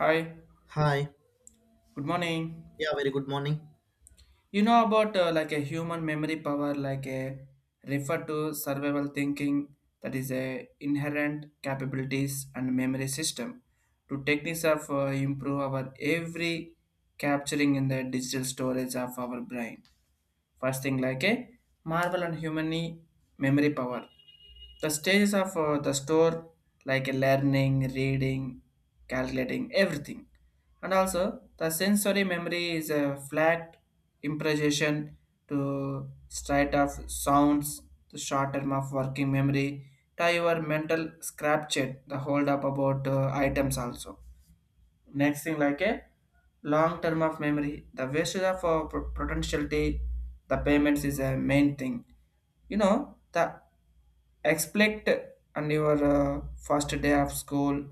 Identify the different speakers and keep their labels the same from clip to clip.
Speaker 1: Hi,
Speaker 2: Hi.
Speaker 1: good morning.
Speaker 2: Yeah, very good morning.
Speaker 1: You know about like a human memory power, like a refer to survival thinking that is a inherent capabilities and memory system to techniques of improve our every capturing in the digital storage of our brain. First thing like a marvel and human memory power. The stages of the store, like learning, reading, calculating, everything. And also the sensory memory is a flat impression to straight of sounds. The short term of working memory to your mental scrapchet the hold up about items also. Next thing like a long term of memory, the waste of potentiality, the payments is a main thing. You know the expect on your first day of school,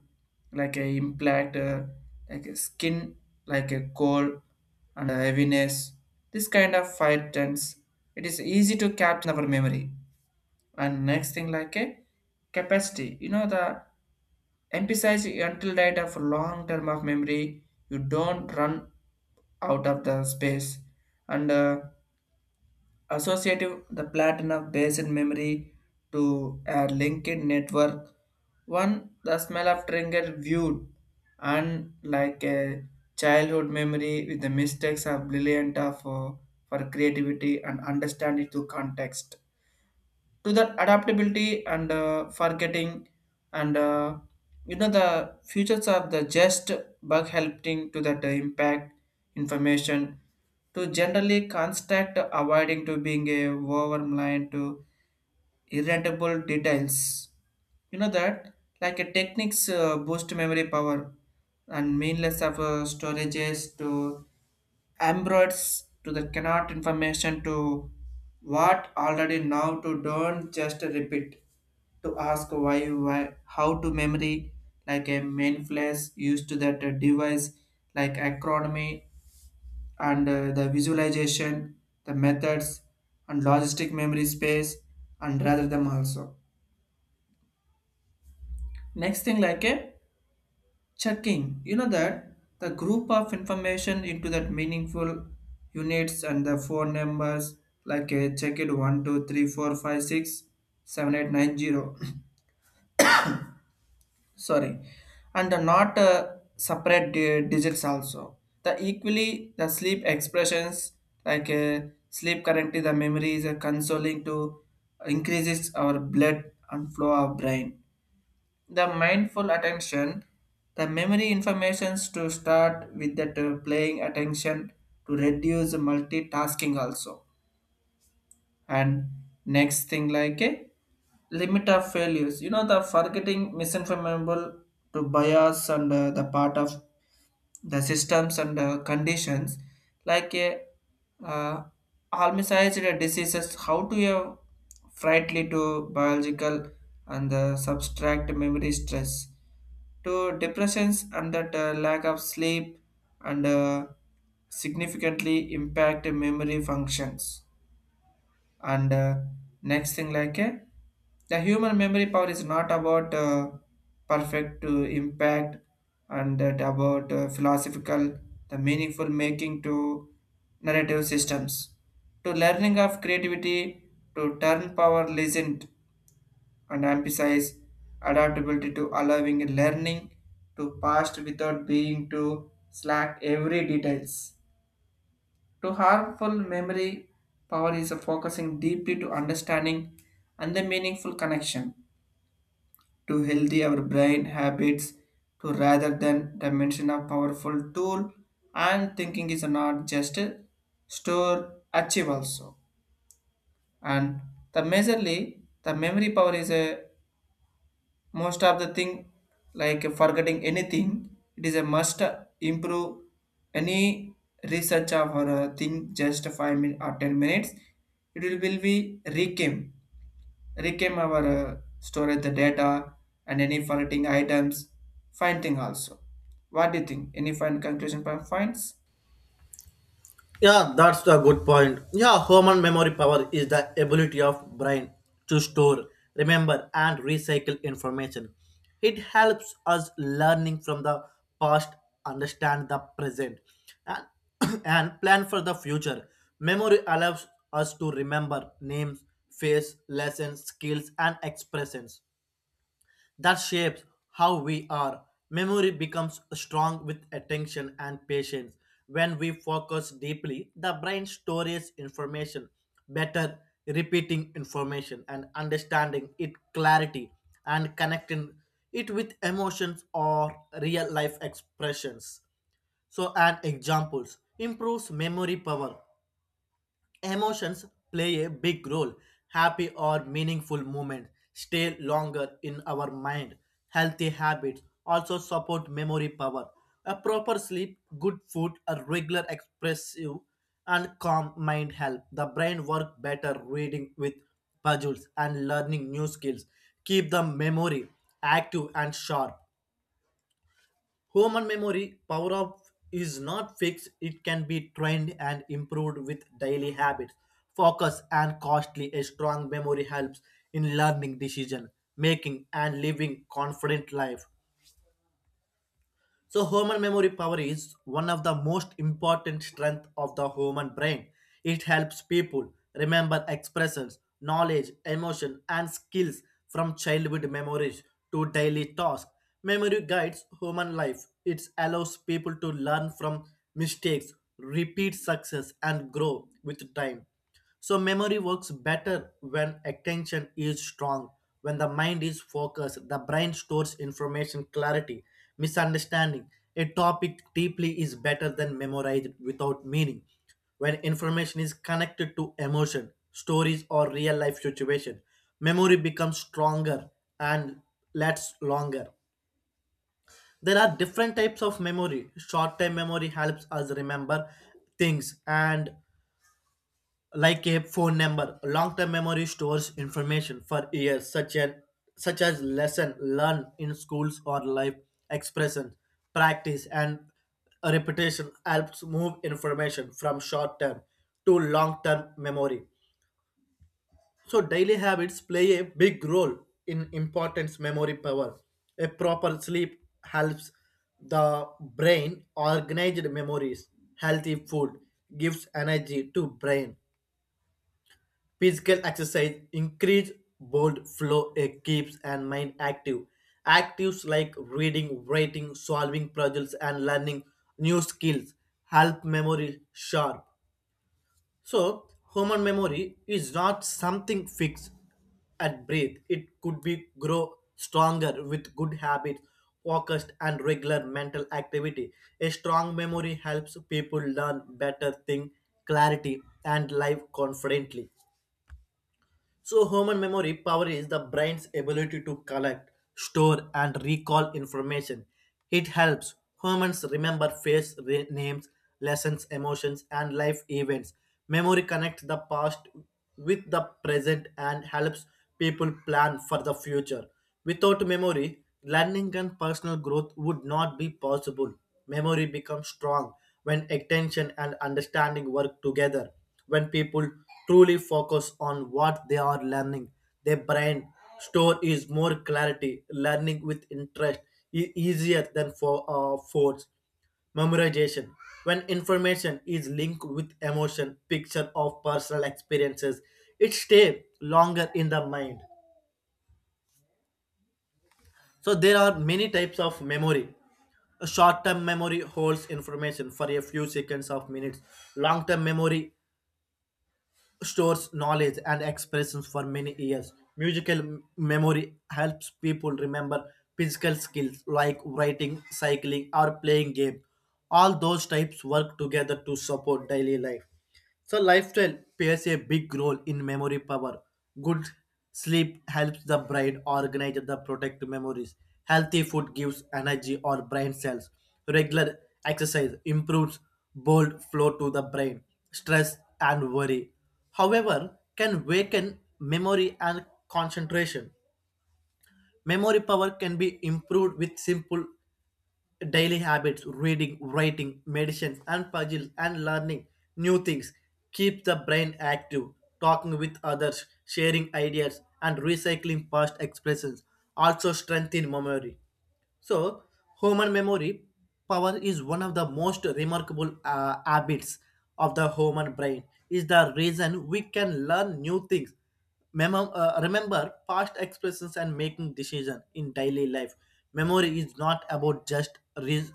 Speaker 1: like a impact like a skin, like a cold and a heaviness, this kind of five tense. It is easy to capture in our memory. And next thing like a capacity, you know the emphasize until data for long term of memory, you don't run out of the space. And associative the platinum based memory to a linked network, one the smell of trigger viewed. And like a childhood memory with the mistakes are brilliant of, for creativity and understanding to context, to that adaptability and forgetting. And you know the futures of the just bug helping to that impact information, to generally construct avoiding to being a overline to irritable details. You know that like a techniques boost memory power and meaningless of storages to embroids to the cannot information, to what already now to don't just repeat, to ask why how to memory, like a main flash used to that device, like acronomy and the visualization, the methods and logistic memory space, and rather them also. Next thing like a checking. You know that the group of information into that meaningful units, and the phone numbers, like a check it 1 2 3 4 5 6 7 8 9 0. Sorry. And the not separate digits also. The equally the sleep expressions, like sleep currently the memory is consoling to increases our blood and flow of brain. The mindful attention, the memory informations to start with that playing attention to reduce multitasking also. And next thing like a limit of failures. You know the forgetting misinformable to bias and the part of the systems and conditions, like a uh, almicized diseases, how to have frightly to biological, and the subtract memory stress, to depressions and that lack of sleep, and significantly impact memory functions. And next thing like the human memory power is not about perfect to impact, and that about philosophical the meaningful making to narrative systems, to learning of creativity, to turn power legend and emphasize adaptability to allowing learning to past without being too slack every details. To harmful memory power is focusing deeply to understanding, and the meaningful connection to healthy our brain habits, to rather than dimension of powerful tool, and thinking is not just a store achieve also. And the majorly the memory power is a most of the thing, like forgetting anything. It is a must improve any research of or thing. Just 5 min or 10 minutes it will be recame our storage the data, and any forgetting items finding also. What do you think? Any fine conclusion points?
Speaker 2: Yeah, that's the good point. Yeah, human memory power is the ability of brain to store, remember, and recycle information. It helps us learning from the past, understand the present, and, and plan for the future. Memory allows us to remember names, face, lessons, skills, and expressions that shapes how we are. Memory becomes strong with attention and patience. When we focus deeply, the brain stores information better, repeating information and understanding it clarity and connecting it with emotions or real life expressions. So, and examples improves memory power. Emotions play a big role. Happy or meaningful moments stay longer in our mind. Healthy habits also support memory power. A proper sleep, good food, a regular expressive and calm mind help the brain work better reading with puzzles and learning new skills. Keep the memory active and sharp. Human memory power of is not fixed, it can be trained and improved with daily habits. Focus and costly a strong memory helps in learning decision making and living confident life. So human memory power is one of the most important strength of the human brain. It helps people remember expressions, knowledge, emotion and skills from childhood memories to daily tasks. Memory guides human life. It allows people to learn from mistakes, repeat success and grow with time. So memory works better when attention is strong. When the mind is focused, the brain stores information clarity. Misunderstanding a topic deeply is better than memorized without meaning. When information is connected to emotion, stories or real life situation, memory becomes stronger and lasts longer. There are different types of memory. Short term memory helps us remember things and like a phone number. Long-term memory stores information for years, such as lesson learned in schools or life expression, practice, and repetition helps move information from short-term to long-term memory. So daily habits play a big role in importance memory power. A proper sleep helps the brain organize memories. Healthy food gives energy to brain. Physical exercise increase blood flow, it keeps and mind active. Actives like reading, writing, solving puzzles, and learning new skills help memory sharp. So, human memory is not something fixed at breath. It could be grow stronger with good habits, focused, and regular mental activity. A strong memory helps people learn better, think clarity, and live confidently. So, human memory power is the brain's ability to collect, store, and recall information. It helps humans remember names, lessons, emotions, and life events. Memory connects the past with the present and helps people plan for the future. Without memory, learning and personal growth would not be possible. Memory becomes strong when attention and understanding work together. When people truly focus on what they are learning, their brain store is more clarity. Learning with interest is easier than for force memorization. When information is linked with emotion, picture of personal experiences, it stays longer in the mind. So there are many types of memory. A short-term memory holds information for a few seconds of minutes. Long-term memory stores knowledge and expressions for many years. Musical memory helps people remember physical skills like writing, cycling, or playing games. All those types work together to support daily life. So lifestyle plays a big role in memory power. Good sleep helps the brain organize the protect memories. Healthy food gives energy or brain cells. Regular exercise improves blood flow to the brain. Stress and worry, however, can weaken memory and concentration. Memory power can be improved with simple daily habits reading writing medicine and puzzles and learning new things keep the brain active talking with others sharing ideas and recycling past expressions also strengthen memory. So, human memory power is one of the most remarkable habits of the human brain. Is the reason we can learn new things, remember past expressions, and making decisions in daily life. Memory is not about just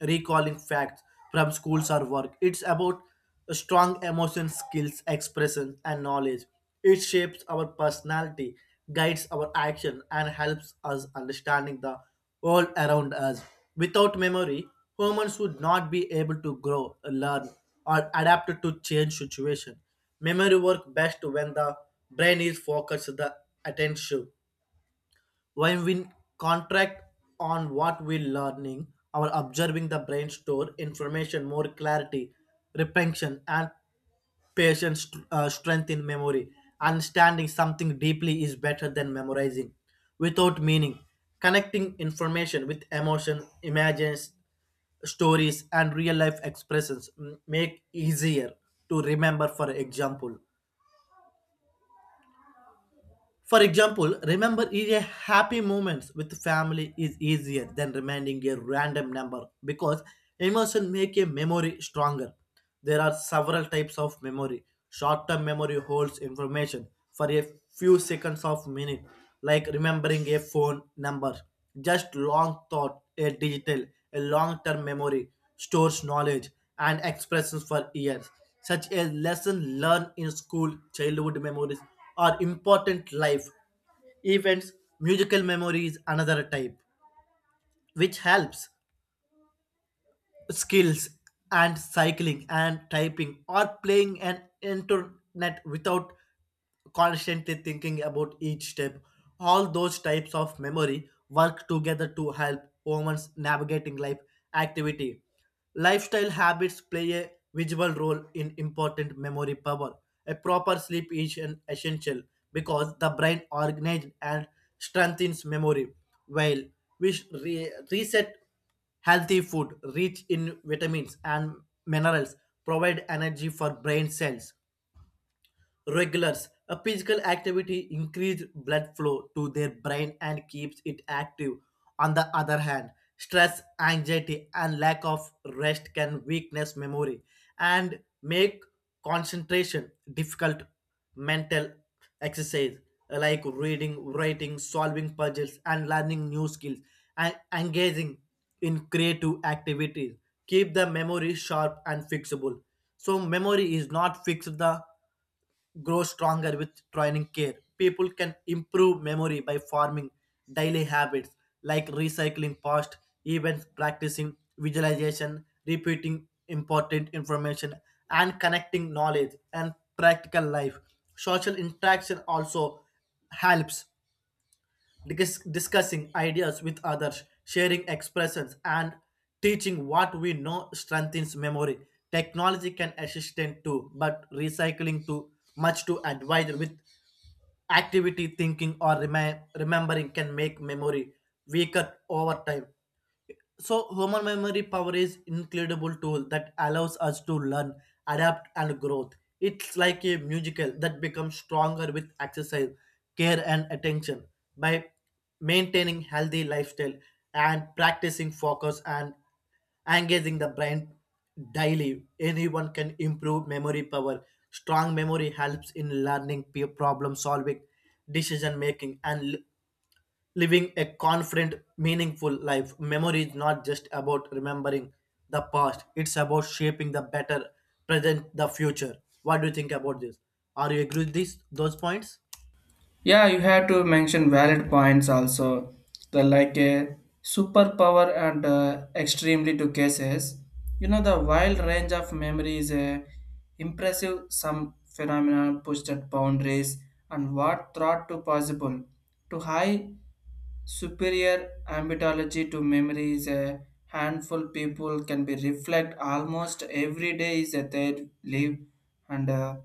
Speaker 2: recalling facts from schools or work. It's about strong emotion skills, expression, and knowledge. It shapes our personality, guides our action, and helps us understanding the world around us. Without memory, humans would not be able to grow, learn, or adapt to change situation. Memory work best when the brain is focused the attention when we contract on what we're learning, our observing the brain store information more clarity, retention, and patience strength in memory. Understanding something deeply is better than memorizing without meaning. Connecting information with emotion, images, stories, and real life expressions make easier to remember. For example, remember is a happy moments with family is easier than reminding a random number because emotion make a memory stronger. There are several types of memory. Short-term memory holds information for a few seconds of minute, like remembering a phone number. Just long thought, a digital, a long-term memory stores knowledge and expressions for years such as lesson learned in school, childhood memories, or important life events, musical memories, another type, which helps skills and cycling and typing or playing an internet without constantly thinking about each step. All those types of memory work together to help humans navigating life activity. Lifestyle habits play a visible role in important memory power. A proper sleep is an essential because the brain organizes and strengthens memory, while we reset. Healthy food, rich in vitamins and minerals, provide energy for brain cells regulars. A physical activity increases blood flow to their brain and keeps it active. On the other hand, stress, anxiety, and lack of rest can weakness memory and make concentration difficult. Mental exercise like reading, writing, solving puzzles, and learning new skills and engaging in creative activities keep the memory sharp and fixable. So memory is not fixed the grow stronger with training care. People can improve memory by forming daily habits like recycling past events, practicing visualization, repeating important information, and connecting knowledge and practical life. Social interaction also helps discussing ideas with others, sharing expressions, and teaching what we know strengthens memory. Technology can assist in too, but recycling too much to advise with activity, thinking, or remembering can make memory weaker over time. So human memory power is incredible tool that allows us to learn, adapt and growth. It's like a musical that becomes stronger with exercise, care and attention. By maintaining healthy lifestyle and practicing focus and engaging the brain daily, anyone can improve memory power. Strong memory helps in learning, peer problem solving, decision making and living a confident meaningful life. Memory is not just about remembering the past, it's about shaping the better present the future. What do you think about this? Are you agree with these those points?
Speaker 1: Yeah, you have to mention valid points also. The like a superpower and extremely to cases. You know the wild range of memory is a impressive, some phenomena pushed at boundaries and what thought to possible to high superior ambitology to memory is a handful people can be reflect almost every day is that they live, and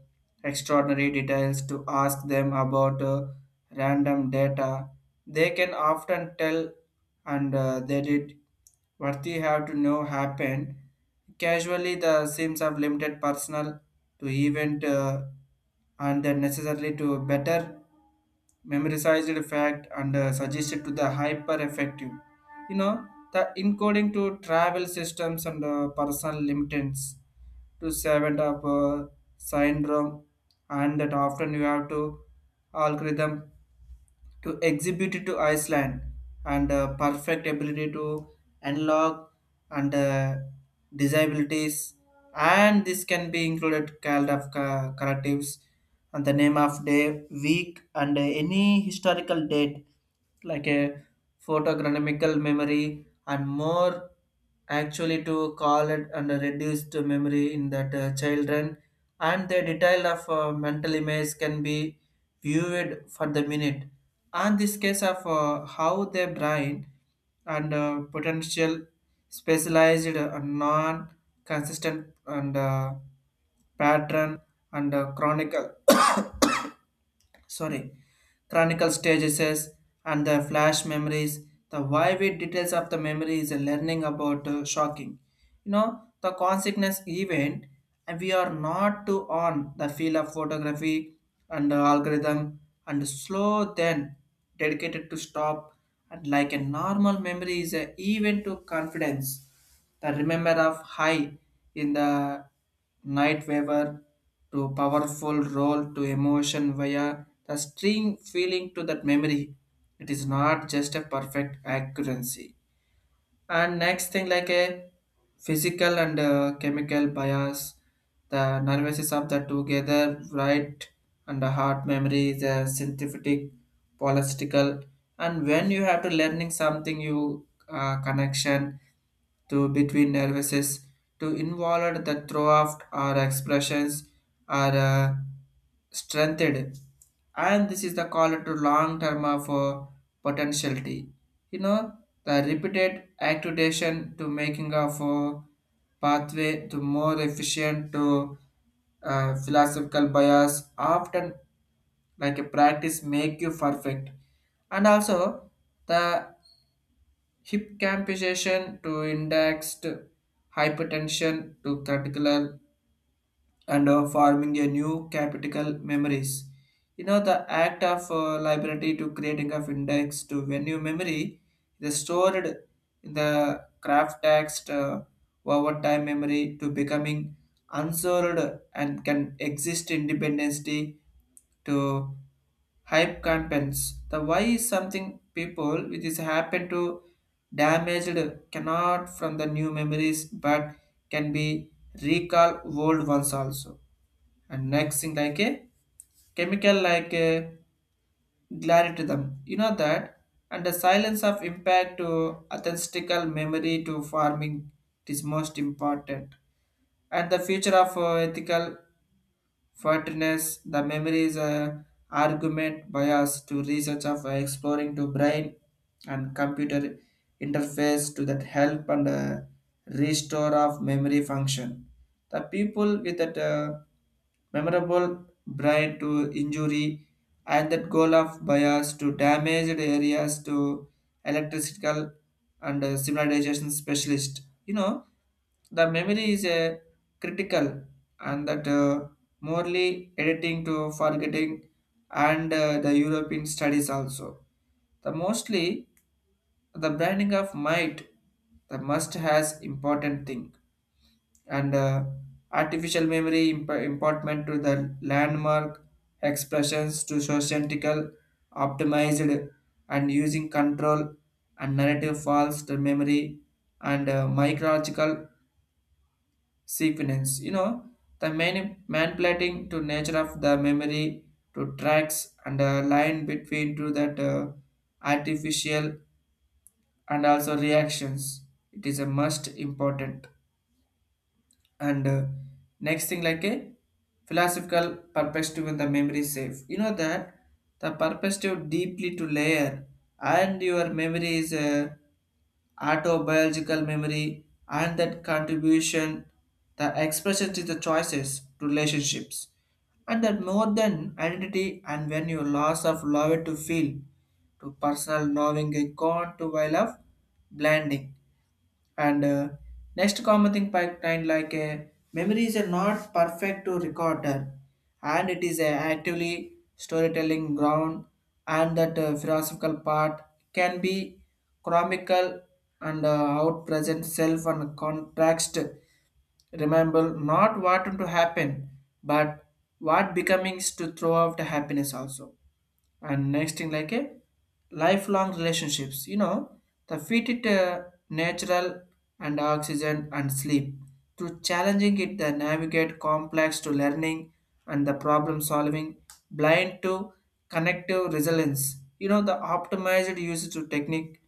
Speaker 1: extraordinary details to ask them about random data. They can often tell, and they did what they have to know happened. Casually, the seems of limited personal to event and then necessarily to better memorized fact, and suggested to the hyper effective. You know the encoding to travel systems and personal limitants to seven of syndrome, and that often you have to algorithm to exhibit it to Iceland, and perfect ability to unlock, and disabilities. And this can be included kind of collectives and the name of day, week, and any historical date, like a photogranamical memory, and more actually to call it and reduced memory in that children, and the detail of mental image can be viewed for the minute. And this case of how the brain and potential specialized and non-consistent and pattern and chronicle sorry chronicle stages. And the flash memories, the vivid details of the memory is a learning about shocking. You know the consequence event, and we are not to on the field of photography and algorithm and slow then dedicated to stop. And like a normal memory is a event to confidence, the remember of high in the night waver to powerful role to emotion via the string feeling to that memory. It is not just a perfect accuracy. And next thing like a physical and chemical bias, the nervous system of the together right, and the heart memory is a synthetic political. And when you have to learning something, you connection to between nervouses to involve the throw off or expressions are strengthened, and this is the call to long term of potentiality. You know, the repeated activation to making of pathway to more efficient to philosophical bias often, like a practice make you perfect. And also the hip campization to indexed hypertension to particular, and forming a new capital memories. You know, the act of library to creating of index to venue memory is stored in the craft text, over time memory to becoming unstored and can exist independently to hype campaigns. The why is something people which is happen to damaged cannot from the new memories, but can be recall old ones also. And next thing like a chemical, like a gladiatum. You know that, and the silence of impact to authentical memory to farming, it is most important. And the future of ethical fairness, the memory is a argument bias to research of exploring to brain and computer interface to that help and restore of memory function the people with that memorable brain to injury, and that goal of bias to damaged areas to electrical and simularization specialist. You know, the memory is a critical, and that morely editing to forgetting, and the European studies also. The mostly the branding of might, the must has important thing. And artificial memory important to the landmark expressions to socientical optimized, and using control and narrative false to memory, and micrological sequence. You know the main manipulating to nature of the memory, to tracks and a line between to that artificial and also reactions, it is a must important. And next thing like a philosophical perspective in the memory safe. You know that the perspective deeply to layer, and your memory is a autobiological memory, and that contribution the expression to the choices to relationships, and that more than identity. And when your loss of love to feel to personal knowing a con to while of blending. And next common thing pipeline like memories are not perfect to recorder, and it is actively storytelling ground, and that philosophical part can be chronicle, and out present self and context. Remember not what to happen, but what becomings to throw out the happiness also. And next thing like a lifelong relationships. You know the feed it natural and oxygen and sleep through challenging it the navigate complex to learning and the problem solving blind to connective resilience. You know the optimized usage to technique,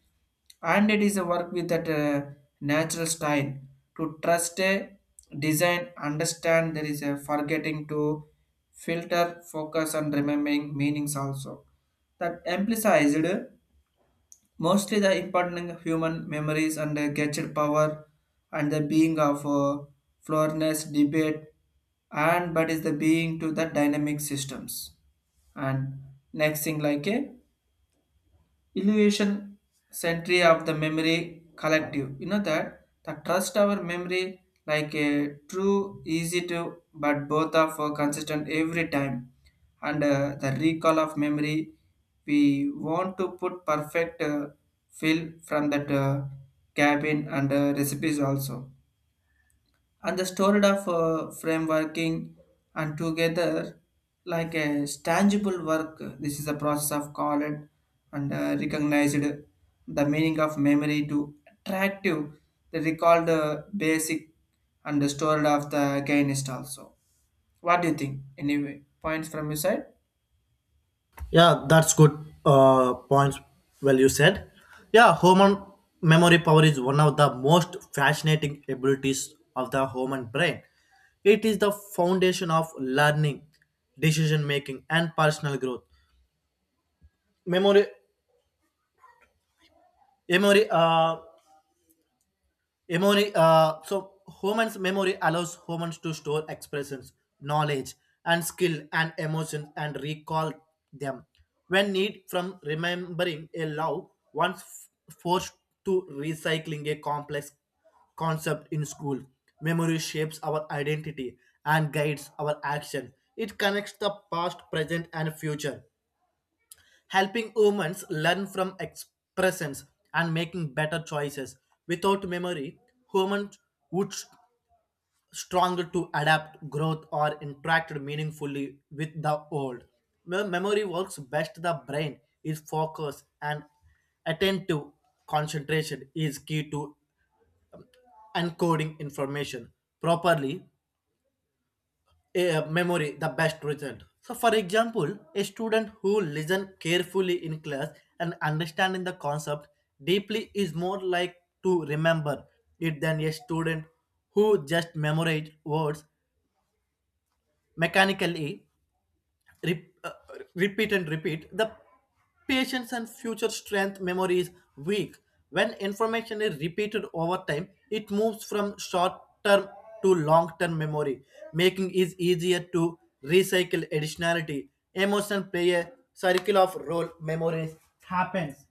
Speaker 1: and it is a work with that natural style to trust a design, understand there is a forgetting to filter focus on remembering meanings also. That emphasized mostly the important of human memories and the gadget power, and the being of floorness debate, and but is the being to the dynamic systems. And next thing like a illusion century of the memory collective. You know that the trust our memory, like a true easy to, but both are for consistent every time. And the recall of memory, we want to put perfect fill from that cabin and recipes also, and the stored of frame working and together, like a tangible work. This is a process of called and recognized the meaning of memory to attractive, the recalled basic, and the stored of the gainist also. What do you think? Any points from your side?
Speaker 2: Yeah, that's good points. Well, you said, yeah, human memory power is one of the most fascinating abilities of the human brain. It is the foundation of learning decision making and personal growth. Memory memory uh, Memory, uh, so humans' memory allows humans to store expressions, knowledge, and skill and emotions and recall them when need from remembering a love once forced to recycling a complex concept in school. Memory shapes our identity and guides our action. It connects the past, present, and future helping humans learn from expressions and making better choices. Without memory, humans would stronger to adapt, growth, or interact meaningfully with the world. Memory works best the brain is focused and attentive. Concentration is key to encoding information properly a memory the best result. So, for example, a student who listen carefully in class and understanding the concept deeply is more like to remember it than a student who just memorize words mechanically re- uh, repeat and repeat, the patience and future strength memory is weak. When information is repeated over time, it moves from short term to long term memory, making it easier to recycle additionality. Emotion play a circle of role memories happens.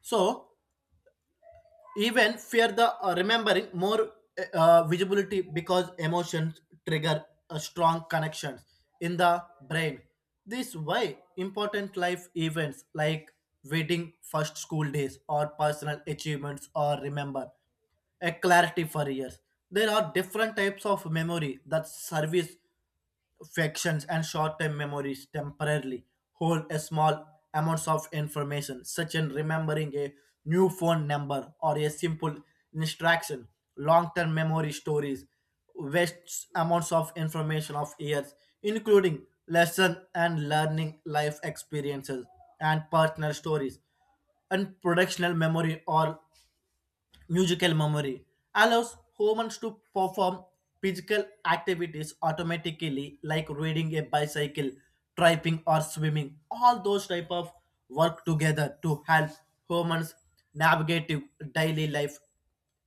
Speaker 2: So even fear the remembering more visibility because emotions trigger a strong connections in the brain. This why important life events like wedding first school days or personal achievements are remember a clarity for years. There are different types of memory that service factions and short-term memories temporarily hold a small amounts of information, such as remembering a new phone number or a simple instruction. Long-term memory stories waste amounts of information of years, including lesson and learning life experiences and personal stories and productional memory or Musical memory allows humans to perform physical activities automatically, like riding a bicycle, tripping, or swimming. All those type of work together to help humans navigate daily life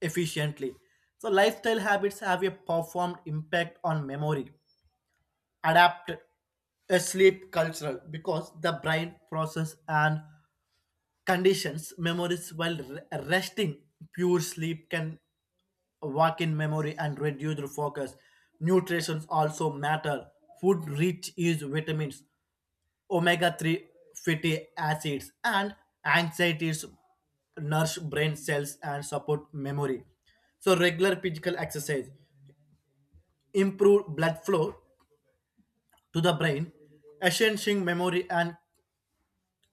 Speaker 2: efficiently. So lifestyle habits have a profound impact on memory, adapt a sleep cultural because the brain process and conditions memories while resting pure sleep can work in memory and reduce the focus. Nutrition also matter. Food rich is vitamins, omega-3 fatty acids and anxieties nourish brain cells and support memory. So regular physical exercise improve blood flow to the brain enhancing memory and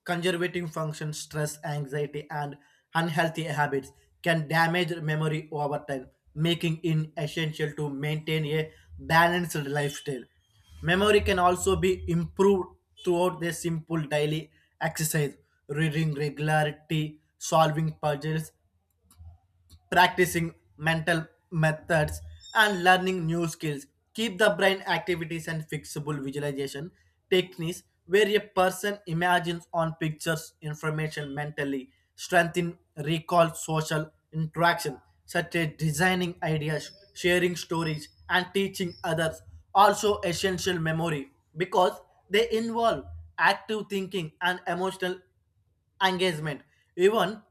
Speaker 2: conservative function. Stress, anxiety, and unhealthy habits can damage memory over time, making it essential to maintain a balanced lifestyle. Memory can also be improved throughout the simple daily exercise, reading regularity, solving puzzles, practicing mental methods and learning new skills keep the brain activities and fixable. Visualization techniques where a person imagines on pictures information mentally strengthen recall. Social interaction such as designing ideas sharing stories and teaching others also essential memory because they involve active thinking and emotional engagement. Even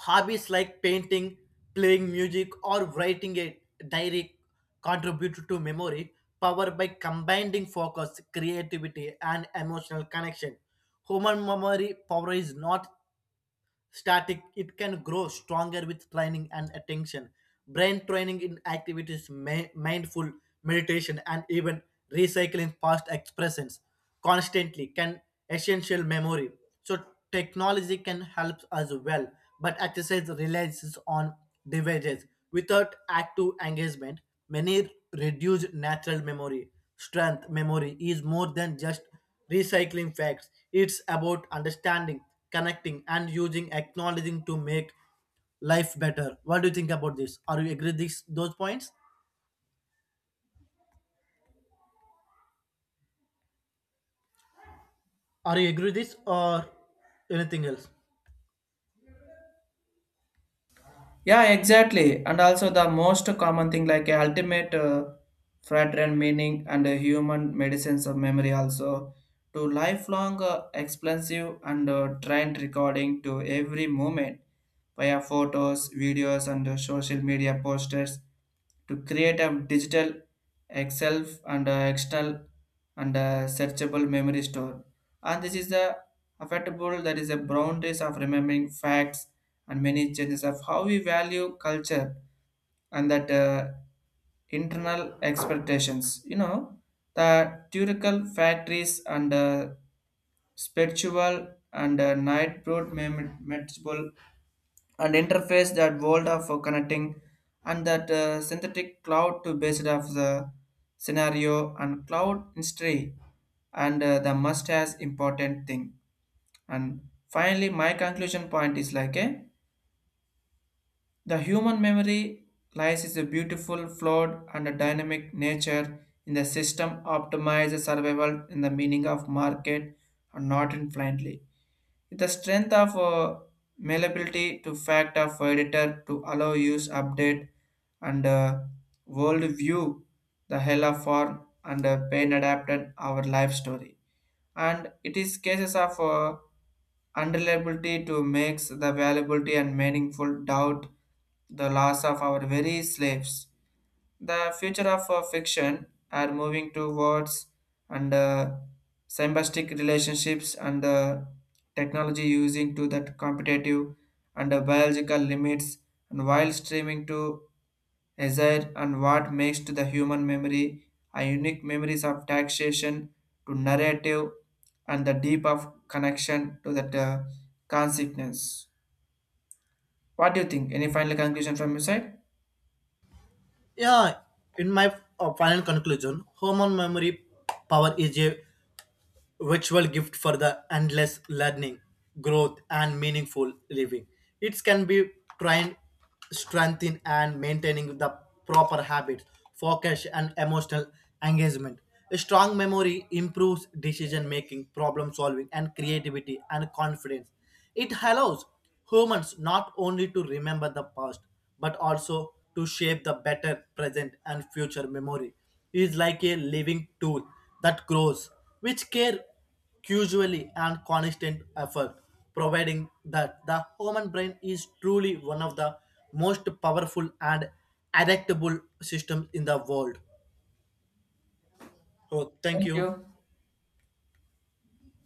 Speaker 2: hobbies like painting, playing music, or writing a diary contribute to memory power by combining focus, creativity, and emotional connection. Human memory power is not static, it can grow stronger with training and attention. Brain training in activities mindful meditation and even recycling past expressions constantly can essential memory. So technology can help as well, but exercise relies on devices without active engagement many reduce natural memory strength. Memory is more than just recycling facts. It's about understanding, connecting, and using acknowledging to make life better. What do you think about this? Are you agree with this, those points? Are you agree with this or anything else?
Speaker 1: Yeah, exactly. And also the most common thing like a ultimate fraternal meaning and a human medicines of memory also, to lifelong expensive and trained recording to every moment via photos, videos and social media posters, to create a digital Excel and external and searchable memory store. And this is the affectable that is the boundaries of remembering facts and many changes of how we value culture and that internal expectations. You know, the theoretical factories and spiritual and night broad manageable and interface that world of connecting and that synthetic cloud to based off the scenario and cloud history, and the must has important thing. And finally my conclusion point is like a the human memory lies is a beautiful flawed and a dynamic nature in the system optimizes survival in the meaning of market and not in blindly, the strength of malleability to fact of editor to allow use update, and world view the hell of form and pain adapted our life story. And it is cases of unreliability to makes the valuability and meaningful doubt, the loss of our very slaves, the future of fiction are moving towards, and symbiotic relationships and technology using to that competitive and biological limits, and while streaming to desire and what makes to the human memory are unique memories of taxation to narrative and the deep of connection to that consequence. What do you think? Any final conclusion from your side?
Speaker 2: Yeah, in my final conclusion, human memory power is a virtual gift for the endless learning, growth, and meaningful living. It can be trained, strengthened, and maintaining the proper habits, focus, and emotional engagement. A strong memory improves decision making, problem solving, and creativity and confidence. It allows humans not only to remember the past, but also to shape the better present and future memory. It is like a living tool that grows, which care usually and constant effort, providing that the human brain is truly one of the most powerful and adaptable systems in the world. So thank
Speaker 1: Thank
Speaker 2: you.
Speaker 1: you.